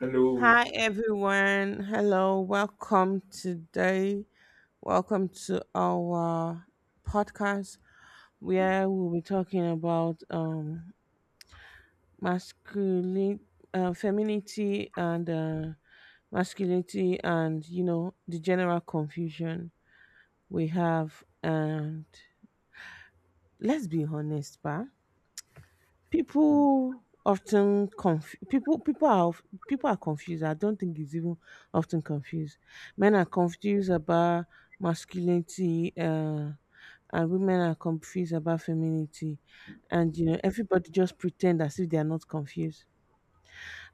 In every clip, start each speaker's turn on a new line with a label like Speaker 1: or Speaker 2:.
Speaker 1: Hello.
Speaker 2: Hi everyone. Hello. Welcome today. Welcome to our podcast where we'll be talking about masculine femininity and masculinity, and the general confusion we have. And let's be honest, pa. People people are confused. I don't think it's even often confused. Men are confused about masculinity, and women are confused about femininity, and everybody just pretend as if they are not confused.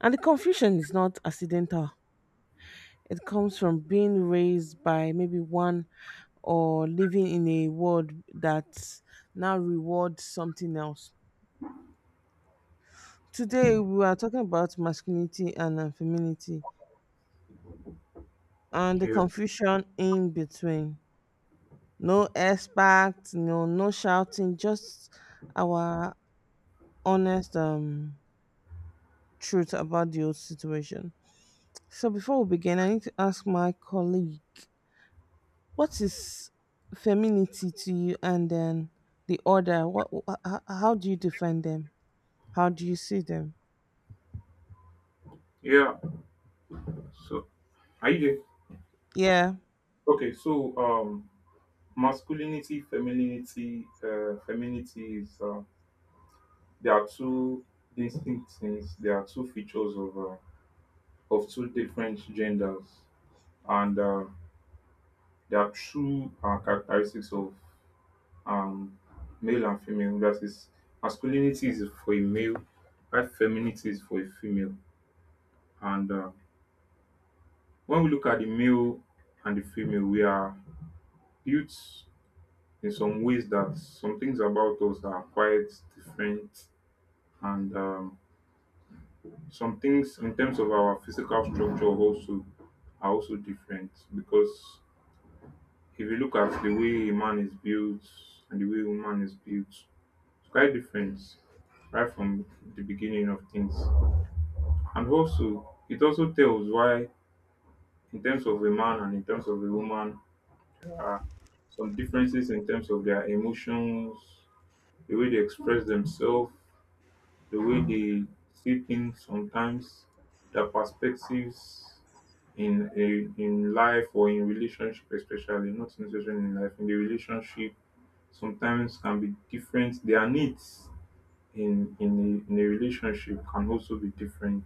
Speaker 2: And the confusion is not accidental. It comes from being raised by maybe one, or living in a world that now rewards something else. Today, we are talking about masculinity and femininity and the
Speaker 1: Yeah.
Speaker 2: confusion in between. No shouting, just our honest truth about the whole situation. So before we begin, I need to ask my colleague, what is femininity to you, and then the order? How do you define them? How do you see them?
Speaker 1: Yeah. So are you there?
Speaker 2: Yeah.
Speaker 1: Okay, so masculinity, femininity, femininity is there are two distinct things, there are two features of two different genders and there are true characteristics of um male and female. That is masculinity is for a male, while femininity is for a female. And when we look at the male and the female, we are built in some ways that some things about us are quite different and some things in terms of our physical structure also are also different because if you look at the way a man is built and the way a woman is built, it's quite different right from the beginning of things, and also it also tells why in terms of a man and in terms of a woman there are some differences in terms of their emotions, the way they express themselves, the way they see things sometimes, their perspectives in life or in relationship, especially, not necessarily in life, in the relationship, sometimes can be different. Their needs in a relationship can also be different.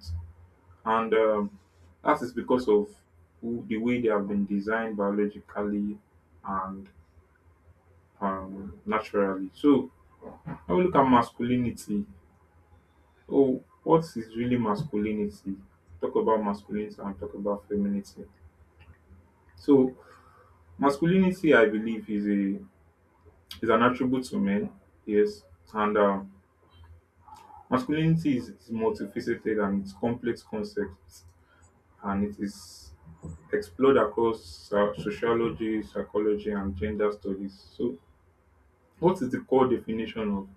Speaker 1: And that is because of the way they have been designed biologically and naturally. So I will look at masculinity. Oh, what is really masculinity? Talk about masculinity and talk about femininity. So, masculinity, I believe, is an attribute to men. Yes, and is multifaceted and it's complex concept, and it is explored across sociology, psychology, and gender studies. So, what is the core definition of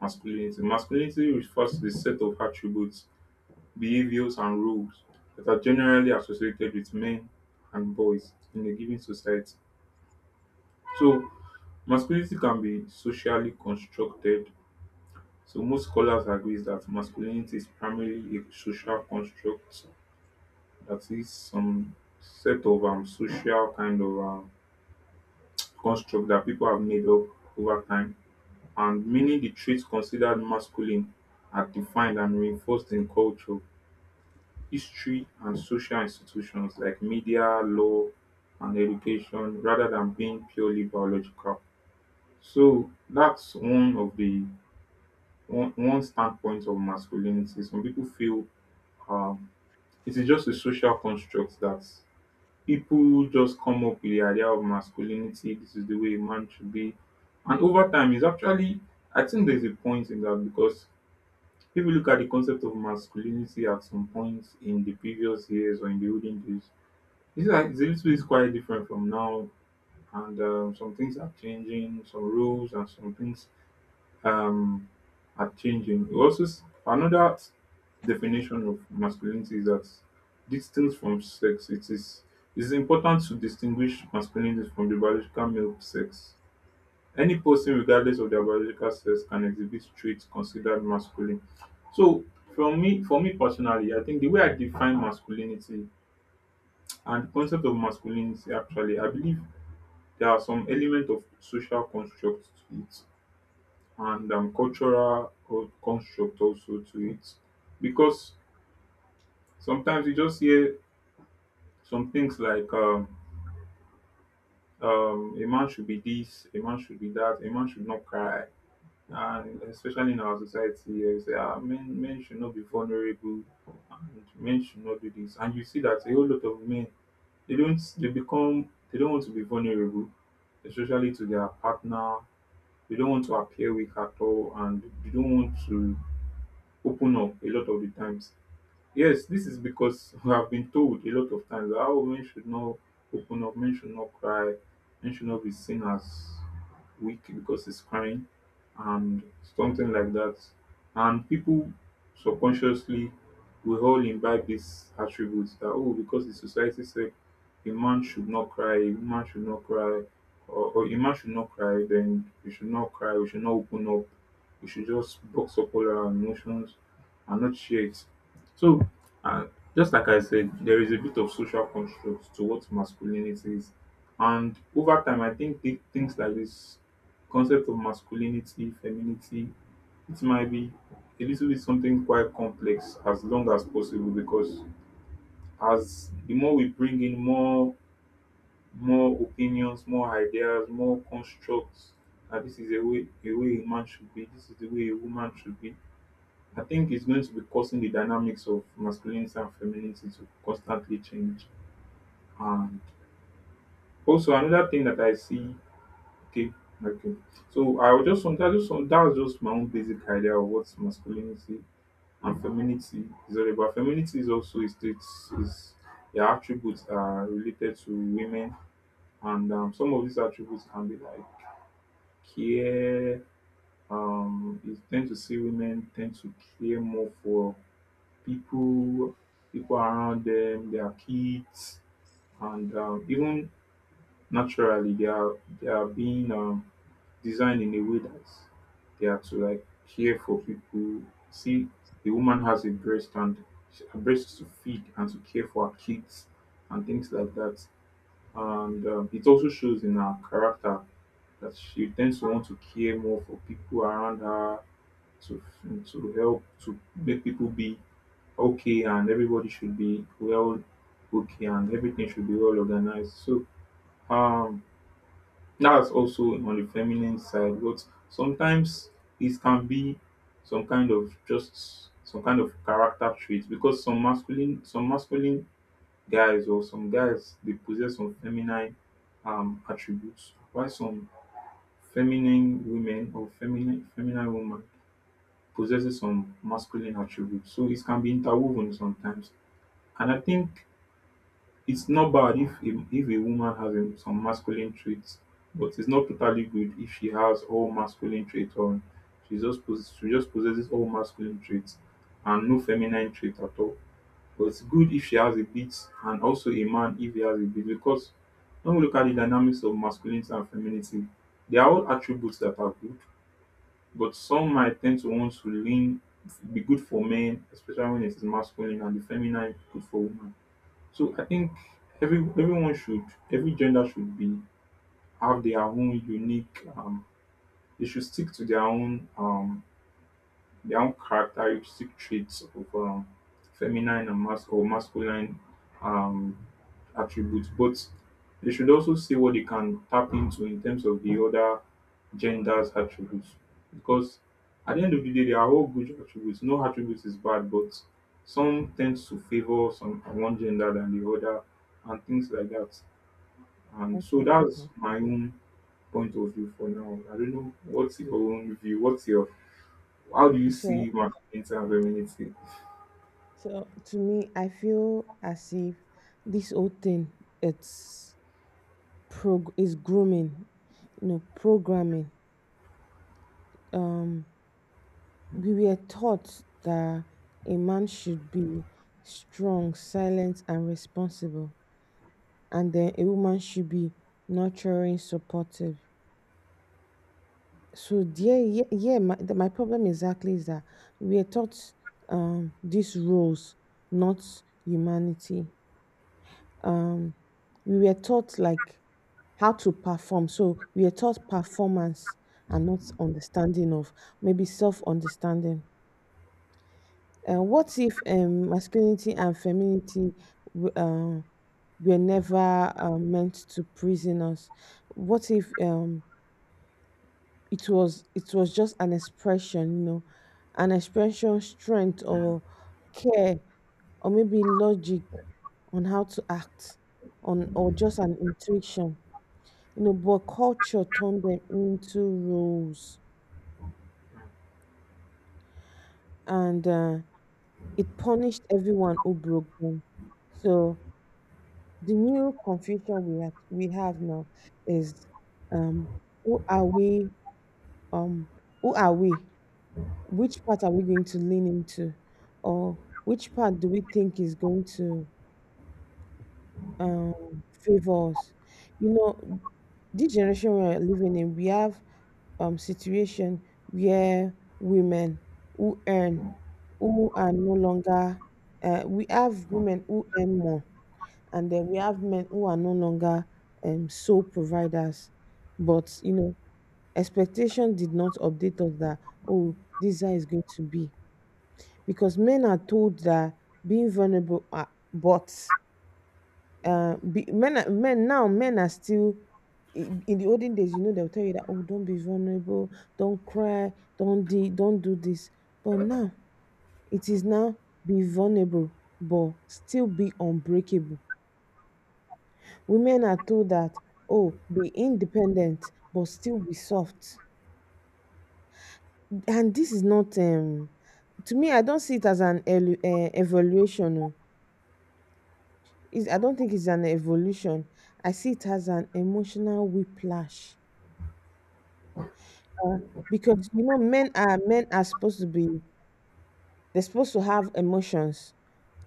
Speaker 1: masculinity? Masculinity refers to the set of attributes, behaviors and roles that are generally associated with men and boys in a given society. So masculinity can be socially constructed. So most scholars agree that masculinity is primarily a social construct, that is some set of social kind of construct that people have made up over time. And many the traits considered masculine are defined and reinforced in culture, history and social institutions like media, law and education rather than being purely biological. So that's one of the one standpoint of masculinity. Some people feel um, it is just a social construct that people just come up with the idea of masculinity. This is the way a man should be. And over time, is actually, I think there's a point in that because if you look at the concept of masculinity at some point in the previous years or in the olden days, it's like it's a little bit quite different from now, and some things are changing, some rules and some things um, are changing. It also another definition of masculinity is that distinct from sex. It's important to distinguish masculinity from the biological male sex. Any person, regardless of their biological sex, can exhibit traits considered masculine. So, for me personally, I think the way I define masculinity and the concept of masculinity actually, I believe there are some element of social construct to it and cultural construct also to it because sometimes you just hear some things like a man should be this, a man should be that, a man should not cry. And especially in our society, you say, ah, men should not be vulnerable and men should not do this. And you see that a whole lot of men, they become, they don't want to be vulnerable, especially to their partner, they don't want to appear weak at all and they don't want to open up a lot of the times. Yes, this is because I've been told a lot of times how men should not open up, men should not cry, men should not be seen as weak because he's crying and something like that. And people subconsciously we all imbibe these attributes that oh, because the society said a man should not cry, a woman should not cry, or a man should not cry, then we should not cry, we should not open up, we should just box up all our emotions and not share it. So and just like I said, there is a bit of social construct to what masculinity is. And over time, I think things like this concept of masculinity, femininity, it might be a little bit something quite complex as long as possible because as the more we bring in more opinions, more ideas, more constructs, that this is a way a man should be, this is the way a woman should be, I think it's going to be causing the dynamics of masculinity and femininity to constantly change. And also another thing that I see, okay, okay. So I was just want, that was just my own basic idea of what masculinity and femininity is all about. Femininity is also a state, is the attributes that are related to women, and some of these attributes can be like care. You tend to see women tend to care more for people people around them, their kids, and even naturally they are being designed in a way that they are to like care for people. See, the woman has a breast and her breast is to feed and to care for her kids and things like that. And it also shows in her character that she tends to want to care more for people around her, to help, to make people be okay, and everybody should be well okay and everything should be well organized. So um that's also on the feminine side, but sometimes it can be some kind of character traits because some masculine guys or some guys, they possess some feminine attributes, while some feminine women or feminine woman possesses some masculine attributes, so it can be interwoven sometimes. And I think it's not bad if if a woman has some masculine traits, but it's not totally good if she has all masculine traits on. She she just possesses all masculine traits and no feminine trait at all. But it's good if she has a bit, and also a man if he has a bit, because when we look at the dynamics of masculinity and femininity, they are all attributes that are good, but some might tend to want to lean, be good for men, especially when it is masculine, and the feminine good for women. So I think everyone should, every gender should be, have their own unique they should stick to um their own characteristic traits of feminine or masculine um, attributes, but they should also see what they can tap into in terms of the other genders' attributes. Because at the end of the day, they are all good attributes. No attribute is bad, but some tends to favor some one gender than the other, and things like that. And
Speaker 2: Okay.
Speaker 1: so that's
Speaker 2: Okay.
Speaker 1: my own point of view for now. I don't know what's your own view. What's your, how do you
Speaker 2: So
Speaker 1: see masculinity and femininity?
Speaker 2: So, to me, I feel as if this whole thing, it's prog is grooming, programming. Um, we were taught that a man should be strong, silent, and responsible, and then a woman should be nurturing, supportive. So yeah, yeah, yeah. My problem exactly is that we are taught these roles, not humanity. Um, we were taught like how to perform. So we are taught performance and not understanding of maybe self understanding. What if masculinity and femininity w- uh, were never meant to prison us? What if it was just an expression, an expression strength or care, or maybe logic on how to act on, or just an intuition, but culture turned them into rules, and it punished everyone who broke them. So the new confusion we have now is, um, who are we? Um, who are we? Which part are we going to lean into? Or which part do we think is going to um favors you know this generation we're living in? We have situation where women who earn, who are no longer we have women who earn more, and then we have men who are no longer sole providers. But expectation did not update us that, oh, this is how it's going to be. Because men are told that being vulnerable are, but men are still in the olden days. You know, they'll tell you that, oh, don't be vulnerable, don't cry, don't do this. But now, it is now be vulnerable, but still be unbreakable. Women are told that, oh, be independent, but still be soft. And this is not, to me, I don't see it as an evaluation. Oh, it's, I don't think it's an evolution. I see it as an emotional whiplash, because men are supposed to be, they're supposed to have emotions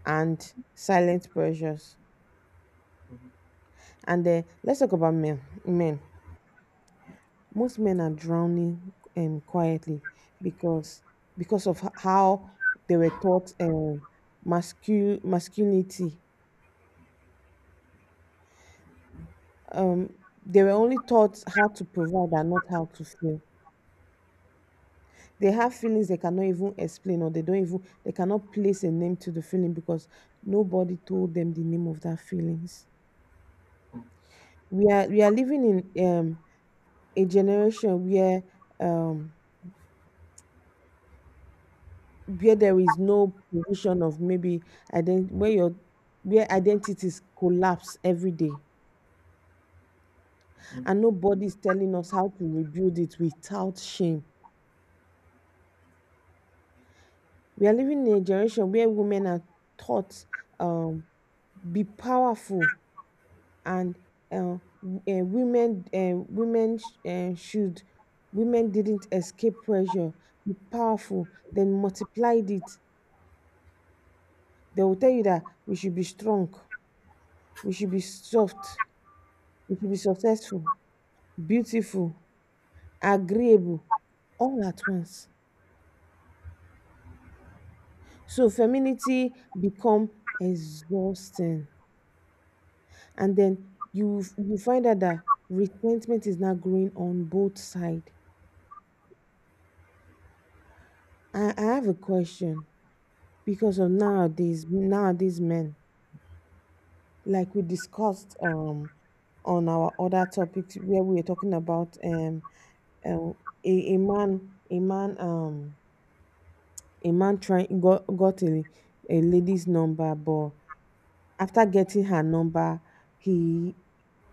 Speaker 2: and silent pressures. And then let's talk about men. Most men are drowning quietly, because because of how they were taught, masculine masculinity. um they were only taught how to provide and not how to feel. They have feelings they cannot even explain, or they don't even they cannot place a name to the feeling, because nobody told them the name of that feelings. We are living in a generation where, um where there is no provision of maybe where your, where identities collapse every day,
Speaker 1: Mm,
Speaker 2: and nobody is telling us how to rebuild it without shame. We are living in a generation where women are taught, um be powerful, and uh, uh, women sh- should women didn't escape pressure. Be powerful, then multiplied it. They will tell you that we should be strong, we should be soft, we should be successful, beautiful, agreeable, all at once. So femininity become exhausting, and then you find out that resentment is now growing on both sides. I have a question, because of nowadays men, like we discussed on our other topics, where we were talking about uh, a, a man a man um a man trying got a lady's number. But after getting her number, he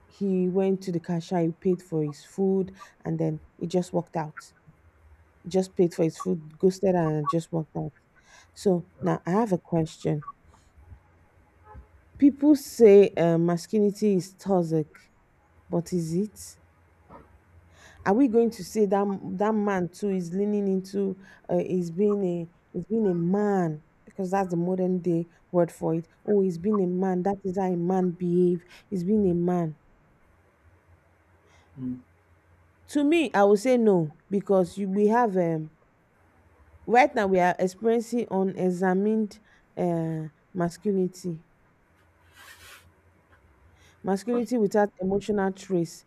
Speaker 2: he went to the cashier, he paid for his food, and then he just walked out. He just paid for his food, ghosted her, and just walked out. So now I have a question. People say masculinity is toxic, but is it? Are we going to say that that man too is leaning into, uh, is being a is being a man, because that's the modern day word for it? Oh, he's being a man. That is how a man behave. He's being a man.
Speaker 1: mm,
Speaker 2: To me, I would say no, because you, we have, right now we are experiencing unexamined uh, masculinity. Masculinity without emotional trace.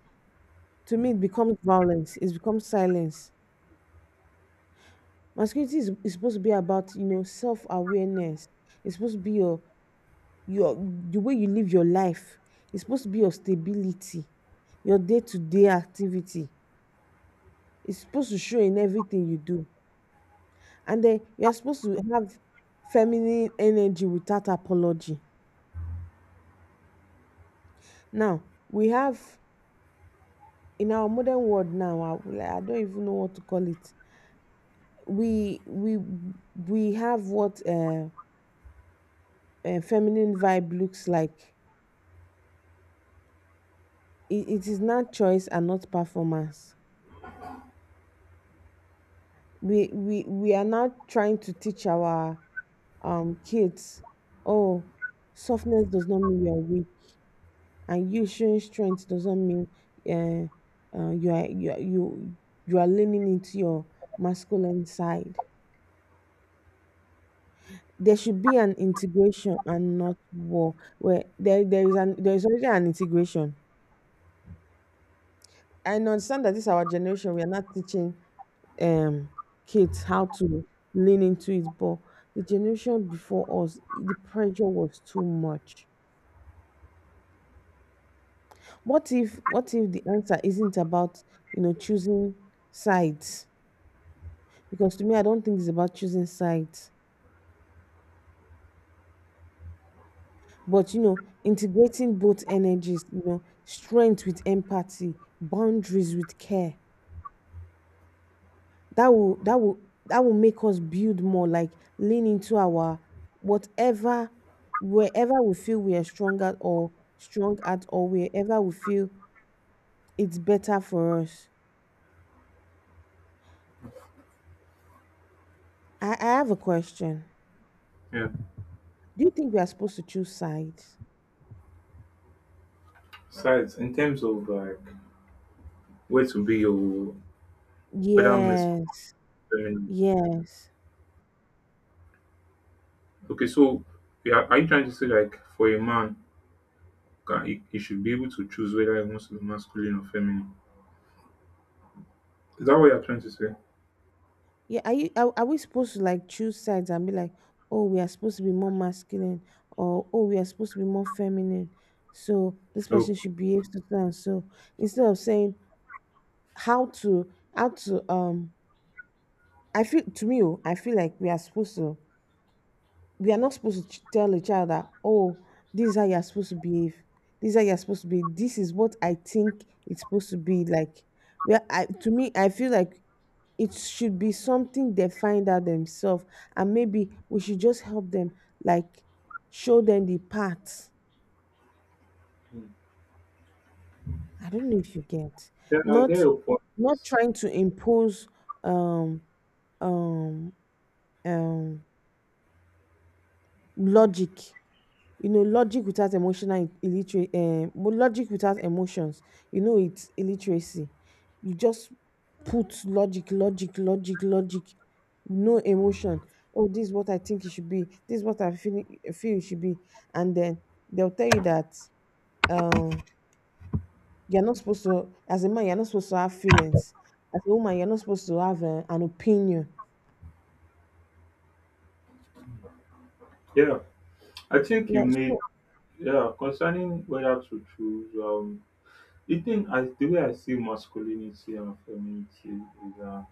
Speaker 2: To me,
Speaker 1: mm.
Speaker 2: it becomes violence. It becomes silence. Masculinity is supposed to be about, self-awareness. It's supposed to be your the way you live your life. It's supposed to be your stability, your day-to-day activity. It's supposed to show in everything you do. And then you're supposed to have feminine energy without apology. Now, we have, in our modern world now, I don't even know what to call it. We we we have what feminine vibe looks like. It, it is now choice and not performance. We are now trying to teach our kids, oh, softness does not mean you are weak, and you showing strength does not mean you you are leaning into your masculine side. There should be an integration and not war, where there is an, there is already an integration. I understand that this is our generation, we are not teaching um, kids how to lean into it. But the generation before us, the pressure was too much. What if, what if the answer isn't about choosing sides? Because to me, I don't think it's about choosing sides, but integrating both energies. Strength with empathy, boundaries with care. that will that will that will make us build more, like lean into our whatever, wherever we feel we are strong at, or wherever we feel it's better for us. I have a question.
Speaker 1: Yeah.
Speaker 2: Do you think we are supposed to choose sides?
Speaker 1: Besides, in terms of like where to be, or whether men's
Speaker 2: Yes.
Speaker 1: feminine.
Speaker 2: Yes.
Speaker 1: Okay, so we are you trying to say like for a man, he should be able to choose whether he wants to be masculine or feminine? Is that what you're trying to say?
Speaker 2: Yeah, are you, are we supposed to like choose sides and be like, oh, we are supposed to be more masculine, or oh, we are supposed to be more feminine, so this person
Speaker 1: Okay.
Speaker 2: should behave to so and so, instead of saying how to, um, I feel to me, oh, I feel like we are supposed to, we are not supposed to tell a child that, oh, this is how you're supposed to behave, this is how you're supposed to be, this is what I think it's supposed to be like. Well, I, to me, I feel like it should be something they find out themselves, and maybe we should just help them, like show them the path. I don't know if you get.
Speaker 1: Yeah, I get
Speaker 2: Not,
Speaker 1: your point.
Speaker 2: not trying to impose um um um logic. Logic without emotional illiterate, logic without emotions, it's illiteracy. You just put logic, no emotion. Oh, this is what I think it should be. This is what I feel it should be. And then they'll tell you that, um you're not supposed to, as a man, you're not supposed to have feelings. As a woman, you're not supposed to have an opinion.
Speaker 1: Yeah, I think you
Speaker 2: Yeah.
Speaker 1: made,
Speaker 2: So
Speaker 1: yeah, concerning whether to choose. The way I see masculinity and femininity is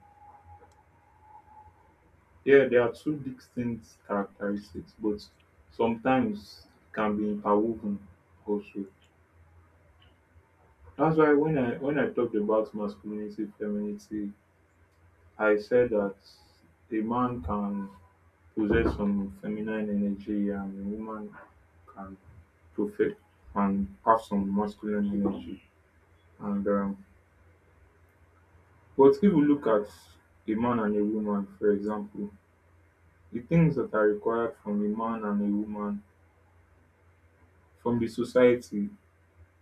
Speaker 1: yeah, there are two distinct characteristics, but sometimes can be interwoven also. That's why when I talked about masculinity, femininity, I said that a man can possess some feminine energy and a woman can perfect and have some masculine energy. And but if you look at a man and a woman, for example, the things that are required from a man and a woman from the society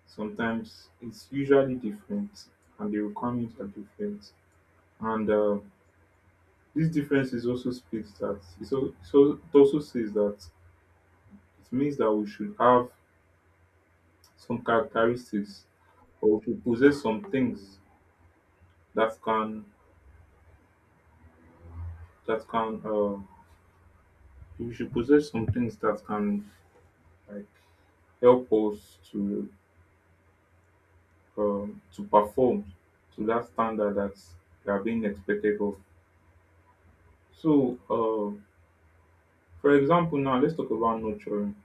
Speaker 1: sometimes it's usually different, and the requirements are different, and this difference is also speaks that it's also, so it also says that it means that we should have some characteristics, or we should possess some things that can that can uh, we should possess some things that can like help us to perform to that standard that we are being expected of. So for example now let's talk about nurturing.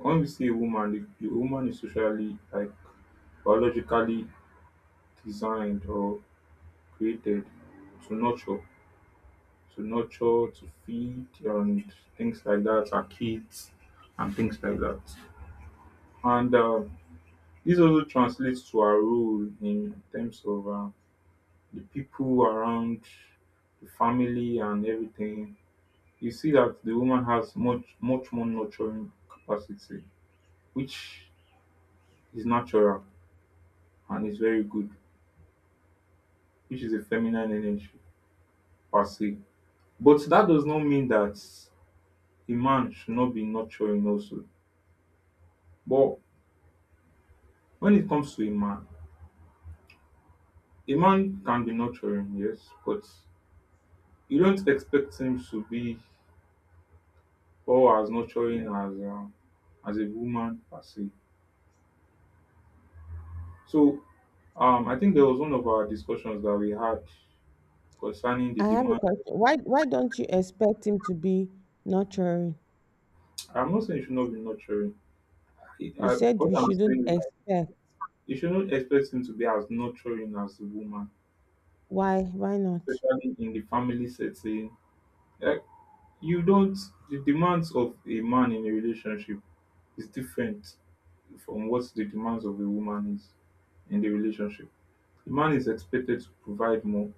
Speaker 1: When we see a woman, the woman is socially, like biologically designed or created to nurture, to nurture, to feed, and things like that, our kids, and things like that. And this also translates to our role in terms of the people around, the family, and everything. You see that the woman has much, much more nurturing capacity, which is natural and is very good, which is a feminine energy per se. But that does not mean that a man should not be nurturing also. But when it comes to a man can be nurturing, yes, but you don't expect him to be all as nurturing as a woman per se. So I think there was one of our discussions that we had concerning the
Speaker 2: I have a
Speaker 1: demand.
Speaker 2: question. Why don't you expect him to be nurturing?
Speaker 1: I'm not saying you should not be nurturing. I,
Speaker 2: You
Speaker 1: I,
Speaker 2: said
Speaker 1: what
Speaker 2: we
Speaker 1: I'm
Speaker 2: shouldn't
Speaker 1: saying is that
Speaker 2: expect.
Speaker 1: you shouldn't expect him to be as nurturing as a woman,
Speaker 2: Why? Why not?
Speaker 1: especially in the family setting. Like you don't the demands of a man in a relationship is different from what the demands of a woman is in the relationship. The man is expected to provide more.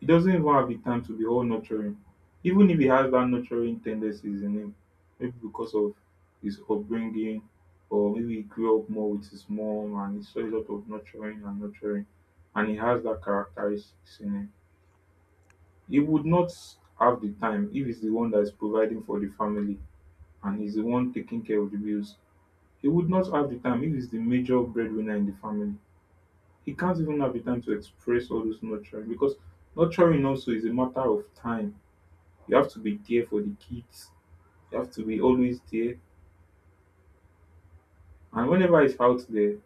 Speaker 1: He doesn't even have the time to be all nurturing. Even if he has that nurturing tendencies in him, maybe because of his upbringing, or maybe he grew up more with his mom and he saw a lot of nurturing and nurturing and he has that characteristics in him. He would not have the time if he's the one that is providing for the family and he's the one taking care of the bills. He would not have the time if he's the major breadwinner in the family. He can't even have the time to express all those nurturing because nurturing also is a matter of time. You have to be there for the kids, you have to be always there. And whenever he's out there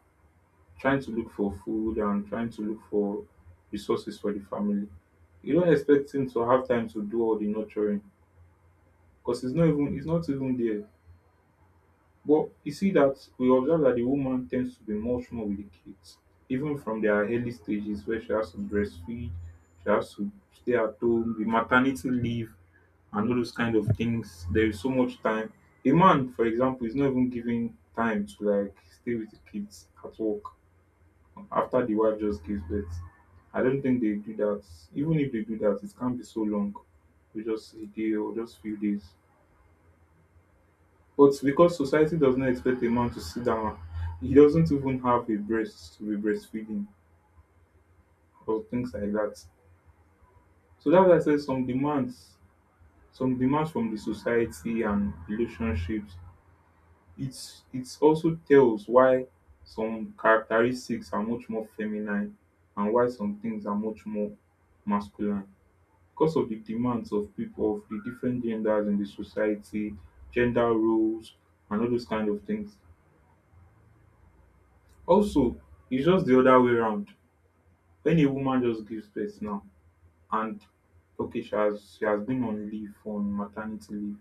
Speaker 1: trying to look for food and trying to look for resources for the family, you don't expect him to have time to do all the nurturing because he's not even there. But you see that we observe that the woman tends to be much more with the kids, even from their early stages where she has to breastfeed, she has to stay at home, the maternity leave, and all those kind of things. There is so much time. A man, for example, is not even given time to like stay with the kids at work after the wife just gives birth. I don't think they do that. Even if they do that, it can't be so long. We just a day or just few days. But because society does not expect a man to sit down, he doesn't even have a breast to be breastfeeding or things like that. So that's why I said some demands from the society and relationships. It's also tells why some characteristics are much more feminine and why some things are much more masculine because of the demands of people of the different genders in the society, gender roles, and all those kind of things. Also, it's just the other way round. Wen a woman just gives birth now and okay, she has been on leave, on maternity leave,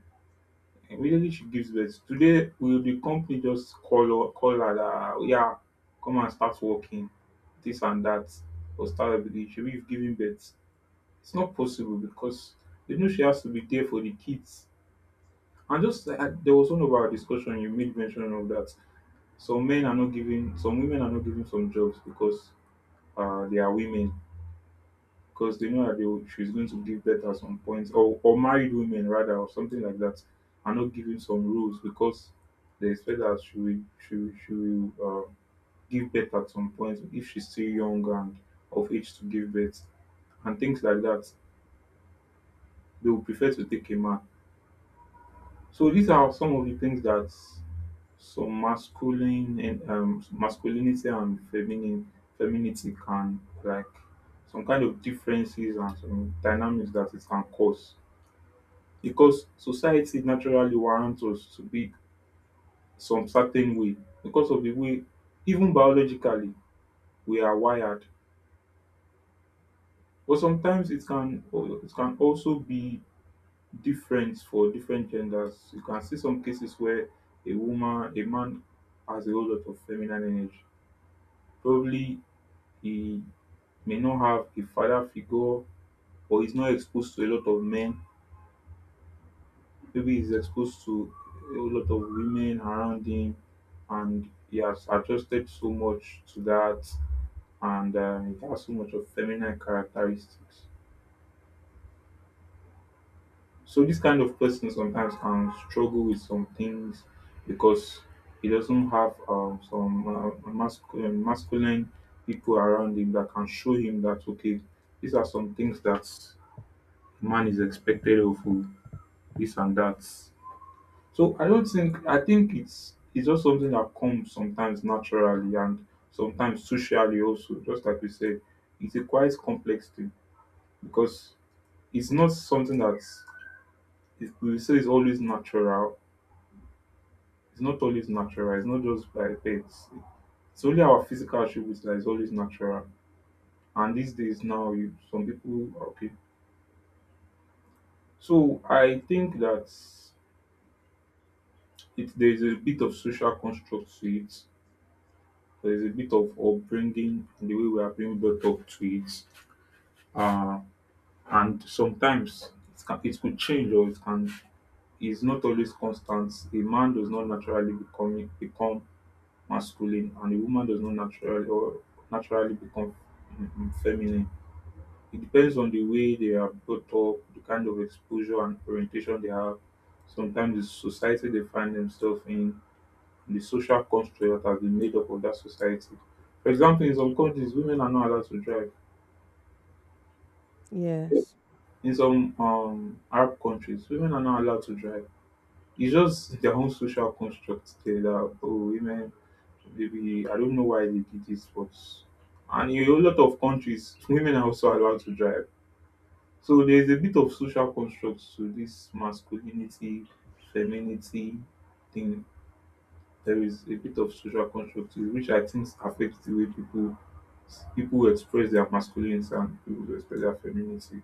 Speaker 1: immediately she gives birth today, will the company just call her dat, oya, come and start working? This and that. Or start everything, shebi you've birth. It's not possible because they know she has to be there for the kids, and just like there was one of our discussion you made mention of that. Some men are not giving. Some women are not giving some jobs because they are women, because they know that they will, she's going to give birth at some point, or married women rather, or something like that, are not given some rules because they expect that she will give birth at some point if she's still young and of age to give birth, and things like that. They will prefer to take a man. So these are some of the things that some masculine and masculinity and feminine femininity can like, some kind of differences and some dynamics that it can cause because society naturally warrant us to be some certain way because of the way, even biologically, we are wired. But sometimes it can also be different for different genders. You can see some cases where a man has a whole lot of feminine energy. Probably he may not have a father figure, or he's not exposed to a lot of men. Maybe he's exposed to a lot of women around him and he has adjusted so much to that, and he has so much of feminine characteristics. So this kind of person sometimes can struggle with some things because he doesn't have some masculine people around him that can show him that okay, these are some things that man is expected of, oh, this and that. So I don't think I think it's just something that comes sometimes naturally and sometimes socially also, just like you said. It's a quite complex thing because it's not something that, if we say it's always natural, it's not always natural, it's not just by it's only our physical attributes that is always natural. And these days now, you, some people, okay. So I think that it there is a bit of social construct to it, there's a bit of upbringing and the way we are being brought up to it. Uh, and sometimes it could change, or it can is not always constant. A man does not naturally become masculine and a woman does not naturally become feminine. It depends on the way they are brought up, the kind of exposure and orientation they have. Sometimes the society they find themselves in, and the social construct that has been made up of that society. For example, in some countries, women are not allowed to drive.
Speaker 2: Yes.
Speaker 1: In some Arab countries, women are not allowed to drive. It's just their own social construct there that, oh, women, maybe, I don't know why they did this, but. And in a lot of countries, women are also allowed to drive. So there's a bit of social construct to this masculinity, femininity thing. There is a bit of social construct to it, which I think affects the way people express their masculinity and people express their femininity.